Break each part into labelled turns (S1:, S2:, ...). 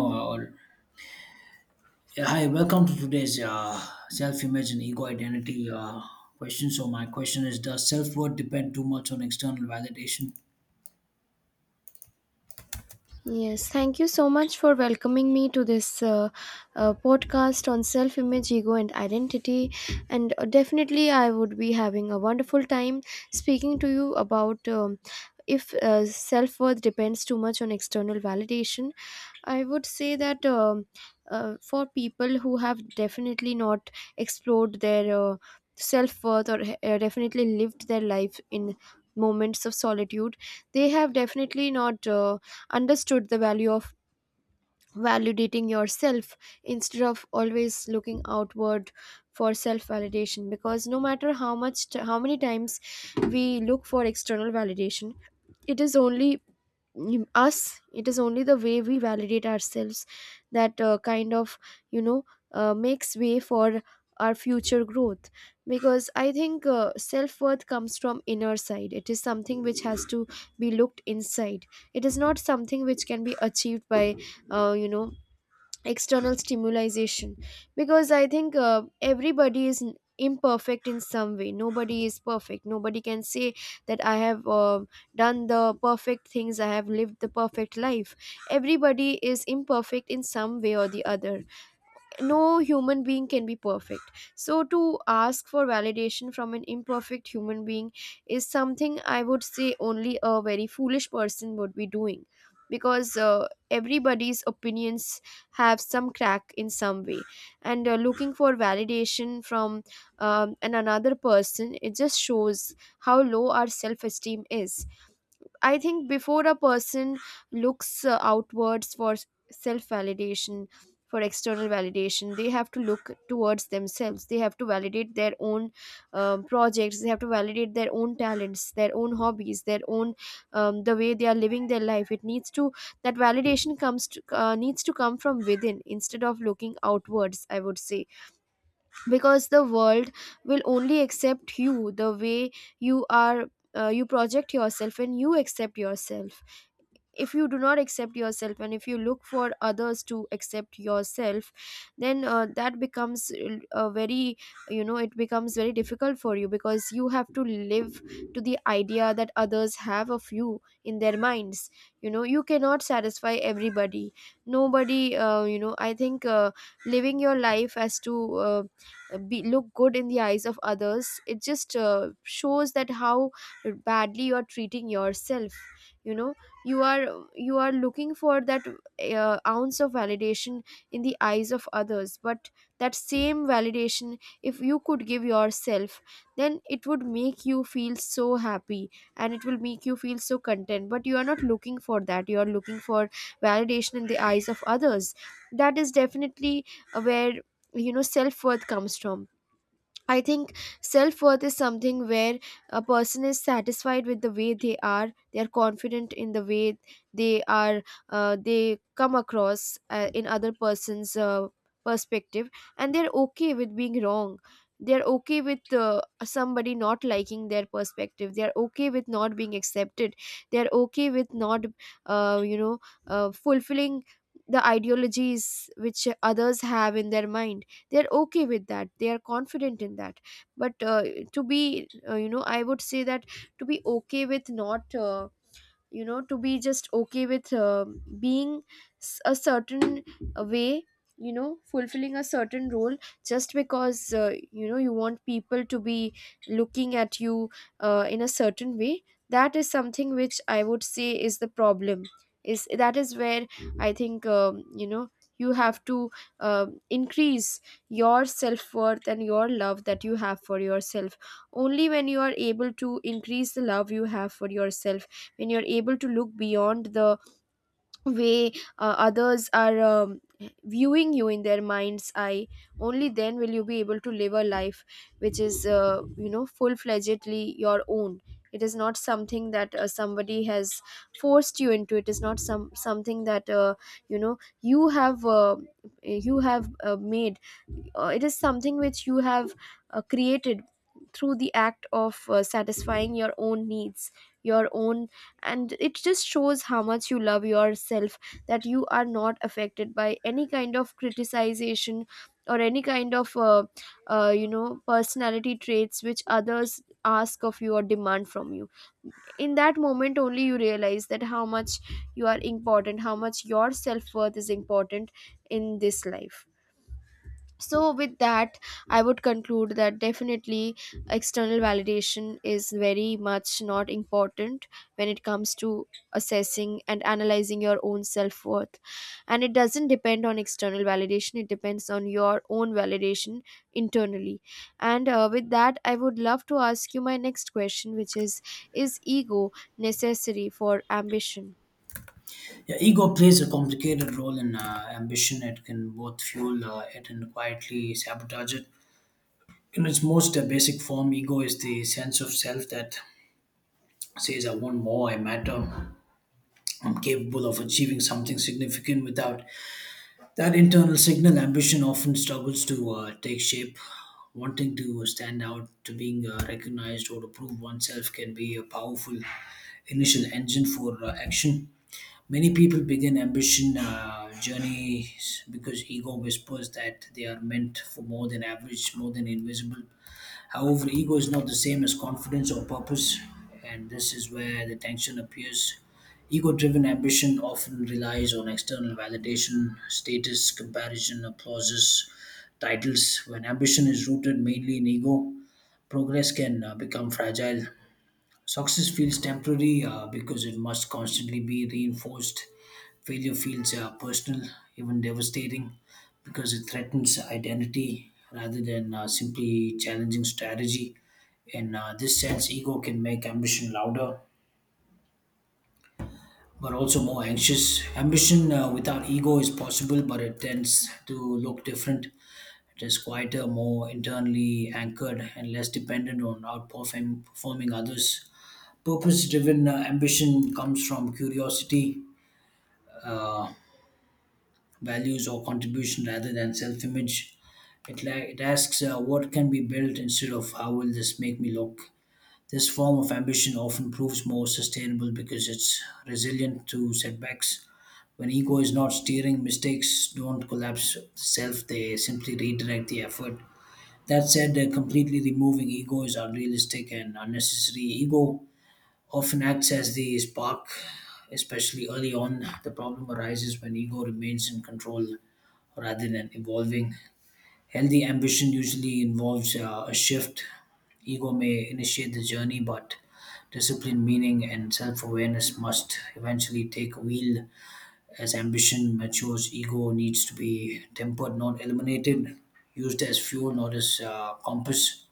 S1: Uh, yeah, Hi, welcome to today's self-image and ego identity question. So my question is, does self-worth depend too much on external validation?
S2: Yes, thank you so much for welcoming me to this podcast on self image, ego, and identity. And definitely, I would be having a wonderful time speaking to you about if self worth depends too much on external validation. I would say that for people who have definitely not explored their self worth or definitely lived their life in moments of solitude, they have definitely not understood the value of validating yourself instead of always looking outward for self validation, because no matter how much how many times we look for external validation, it is only us, it is only the way we validate ourselves that you know makes way for our future growth. Because I think self-worth comes from inner side, it is something which has to be looked inside, it is not something which can be achieved by uh, you know external stimulation. Because I think everybody is imperfect in some way, nobody is perfect, nobody can say that I have done the perfect things, I have lived the perfect life. Everybody is imperfect in some way or the other, no human being can be perfect. So to ask for validation from an imperfect human being is something I would say only a very foolish person would be doing, because everybody's opinions have some crack in some way. And looking for validation from an another person, it just shows how low our self esteem is. I think before a person looks outwards for self validation, for external validation, they have to look towards themselves. They have to validate their own projects. They have to validate their own talents, their own hobbies, their own the way they are living their life. It needs to That validation needs to come from within instead of looking outwards, I would say. Because the world will only accept you the way you are, you project yourself and you accept yourself. If you do not accept yourself and if you look for others to accept yourself, then that becomes a very, it becomes very difficult for you, because you have to live to the idea that others have of you in their minds. You know, you cannot satisfy everybody. Nobody, I think living your life as to be look good in the eyes of others, it just shows that how badly you are treating yourself. You know, you are you are looking for that ounce of validation in the eyes of others. But that same validation, if you could give yourself, then it would make you feel so happy and it will make you feel so content. But you are not looking for that, you are looking for validation in the eyes of others. That is definitely where, you know, self worth comes from. I think self worth is something where a person is satisfied with the way they are. They are confident in the way they are. They come across in other person's perspective, and they're okay with being wrong. They're okay with somebody not liking their perspective. They're okay with not being accepted. They're okay with not, uh, you know, fulfilling the ideologies which others have in their mind. They're okay with that, they are confident in that. But to be, I would say that to be okay with not, to be just okay with being a certain way, you know, fulfilling a certain role just because, you want people to be looking at you in a certain way. That is something which I would say is the problem. Is that is where I think you have to increase your self-worth and your love that you have for yourself. Only when you are able to increase the love you have for yourself, when you're able to look beyond the way others are viewing you in their mind's eye, only then will you be able to live a life which is, full-fledgedly your own. It is not something that somebody has forced you into, it is not something that, you have made, it is something which you have created through the act of satisfying your own needs, your own. And it just shows how much you love yourself, that you are not affected by any kind of criticization or any kind of personality traits which others ask of you or demand from you. In that moment only you realize that how much you are important, how much your self-worth is important in this life. So with that, I would conclude that definitely external validation is very much not important when it comes to assessing and analyzing your own self-worth. And it doesn't depend on external validation, it depends on your own validation internally. And with that I would love to ask you my next question, which is ego necessary for ambition?
S1: Yeah, ego plays a complicated role in ambition. It can both fuel it and quietly sabotage it. In its most basic form, ego is the sense of self that says, I want more, I matter, I'm capable of achieving something significant without that internal signal ambition often struggles to take shape. Wanting to stand out, to being recognized, or to prove oneself can be a powerful initial engine for action. Many people begin ambition journeys because ego whispers that they are meant for more than average, more than invisible. However, ego is not the same as confidence or purpose, and this is where the tension appears. Ego driven ambition often relies on external validation, status, comparison, applauses, titles. When ambition is rooted mainly in ego, progress can become fragile. Success feels temporary because it must constantly be reinforced. Failure feels personal, even devastating, because it threatens identity rather than simply challenging strategy. In this sense, ego can make ambition louder, but also more anxious. Ambition without ego is possible, but it tends to look different. It is quieter, more internally anchored, and less dependent on outperforming performing others. Purpose driven ambition comes from curiosity, uh, values, or contribution rather than self image. It asks, what can be built instead of how will this make me look? This form of ambition often proves more sustainable because it's resilient to setbacks. When ego is not steering, mistakes don't collapse self, they simply redirect the effort. That said, completely removing ego is unrealistic and unnecessary. Ego often acts as the spark, especially early on. The problem arises when ego remains in control rather than evolving. Healthy ambition usually involves a shift. Ego may initiate the journey, but discipline, meaning, and self awareness must eventually take a wheel. As ambition matures, ego needs to be tempered, not eliminated, used as fuel, not as compass.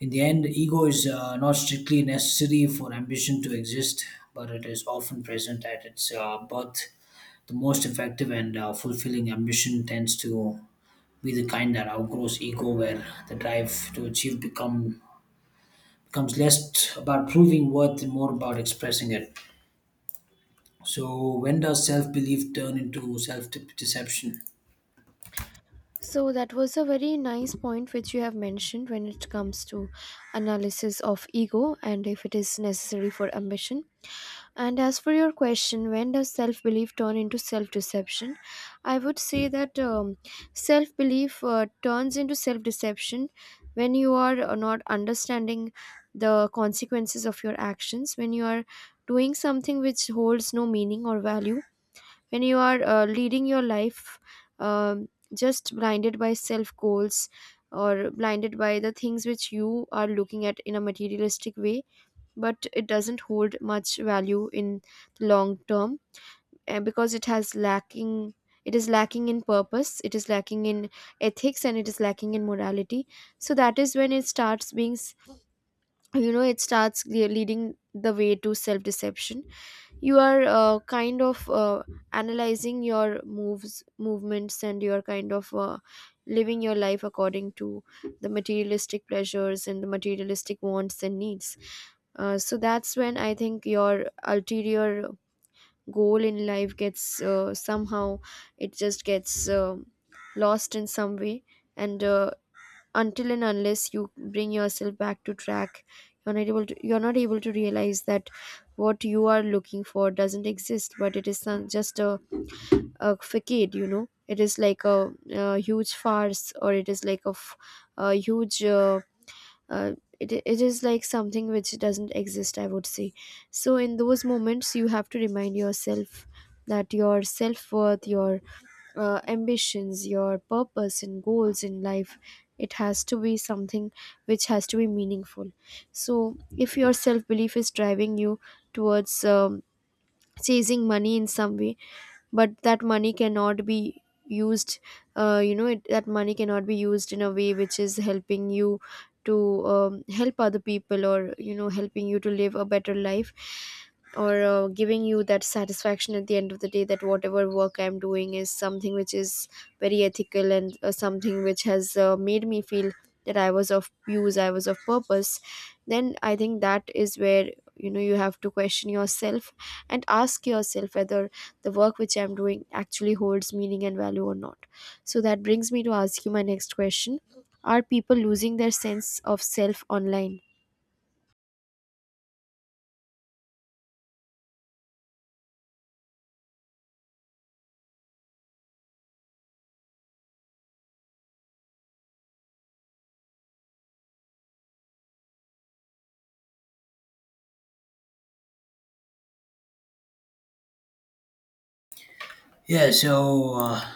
S1: In the end, ego is not strictly necessary for ambition to exist, but it is often present at its birth. The most effective and fulfilling ambition tends to be the kind that outgrows ego, where the drive to achieve becomes less about proving worth and more about expressing it. So, when does self belief turn into self deception?
S2: So that was a very nice point which you have mentioned when it comes to analysis of ego and if it is necessary for ambition. And as for your question, when does self belief turn into self deception? I would say that self belief turns into self deception when you are not understanding the consequences of your actions, when you are doing something which holds no meaning or value, when you are leading your life, um just blinded by self goals, or blinded by the things which you are looking at in a materialistic way, but it doesn't hold much value in the long term. Because it is lacking in purpose, it is lacking in ethics and it is lacking in morality. So that is when it starts being, you know, it starts leading the way to self deception. You are analyzing your moves movements and you are living your life according to the materialistic pleasures and the materialistic wants and needs. So that's when I think your ulterior goal in life gets somehow, it just gets lost in some way. And until and unless you bring yourself back to track, you're not able to realize that what you are looking for doesn't exist, but it is just a facade. You know, it is like a huge farce, or it is like a huge, uh, it is like something which doesn't exist, I would say. So in those moments you have to remind yourself that your self-worth, your ambitions, your purpose and goals in life, it has to be something which has to be meaningful. So if your self-belief is driving you towards chasing money in some way, but that money cannot be used, that money cannot be used in a way which is helping you to help other people, or you know, helping you to live a better life, or giving you that satisfaction at the end of the day that whatever work I'm doing is something which is very ethical and something which has made me feel that I was of use, I was of purpose. Then I think that is where, you know, you have to question yourself and ask yourself whether the work which I'm doing actually holds meaning and value or not. So that brings me to ask you my next question, are people losing their sense of self online?
S1: Yeah, so. Uh,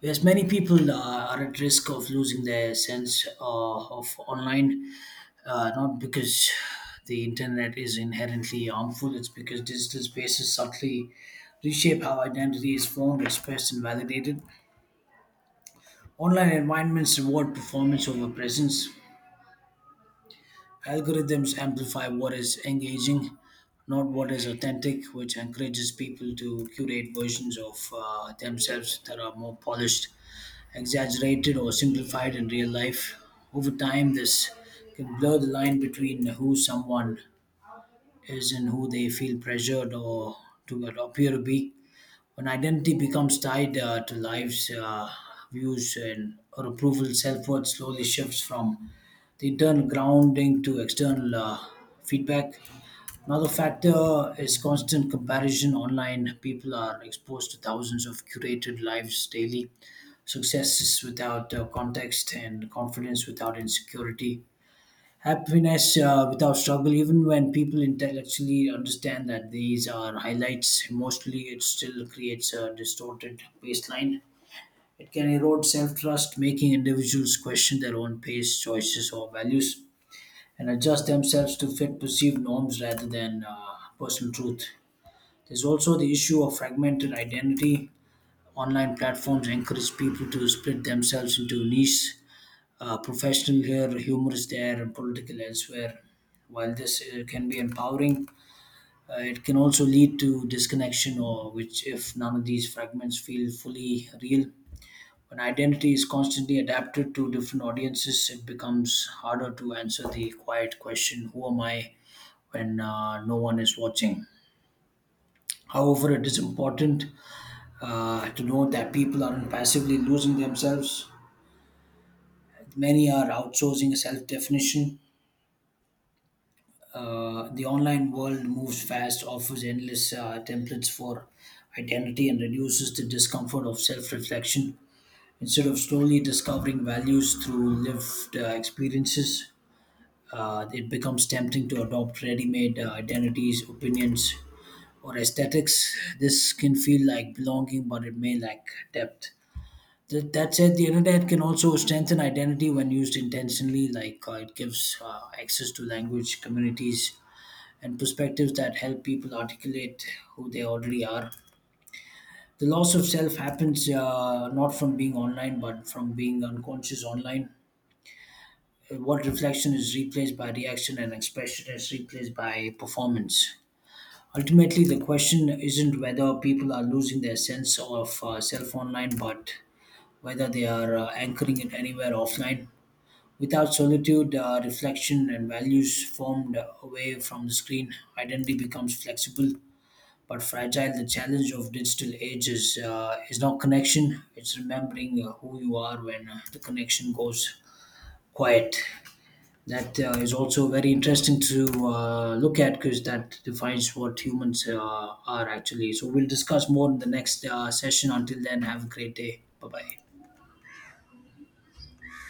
S1: Yes, many people are at risk of losing their sense of online, not because the internet is inherently harmful, it's because digital spaces subtly reshape how identity is formed, expressed, and validated. Online environments reward performance over presence. Algorithms amplify what is engaging, not what is authentic, which encourages people to curate versions of themselves that are more polished exaggerated or simplified in real life. Over time, this can blur the line between who someone is and who they feel pressured or to appear to be. When identity becomes tied to lives, views, and or approval, self worth slowly shifts from the internal grounding to external feedback. Another factor is constant comparison online. People are exposed to thousands of curated lives daily, successes without context, and confidence without insecurity, happiness without struggle. Even when people intellectually understand that these are highlights, emotionally it still creates a distorted baseline. It can erode self trust, making individuals question their own pace, choices, or values and adjust themselves to fit perceived norms rather than personal truth. There's also the issue of fragmented identity. Online platforms encourage people to split themselves into niche, professional here, humorous there, and political elsewhere. While this can be empowering, it can also lead to disconnection, or which, if none of these fragments feel fully real, when identity is constantly adapted to different audiences, it becomes harder to answer the quiet question, who am I? When no one is watching. However, it is important to note that people aren't passively losing themselves. Many are outsourcing self definition. The online world moves fast, offers endless templates for identity, and reduces the discomfort of self reflection. Instead of slowly discovering values through lived experiences, it becomes tempting to adopt ready-made identities, opinions, or aesthetics. This can feel like belonging, but it may lack depth. That said, the internet can also strengthen identity when used intentionally, like it gives access to language, communities, and perspectives that help people articulate who they already are. The loss of self happens not from being online, but from being unconscious online. What reflection is replaced by reaction and expression is replaced by performance. Ultimately, the question isn't whether people are losing their sense of self online, but whether they are anchoring it anywhere offline. Without solitude, reflection, and values formed away from the screen, identity becomes flexible but fragile. The challenge of digital age is not connection, it's remembering who you are when the connection goes quiet. That is also very interesting to look at because that defines what humans are actually. So we'll discuss more in the next session. Until then, have a great day. Bye bye.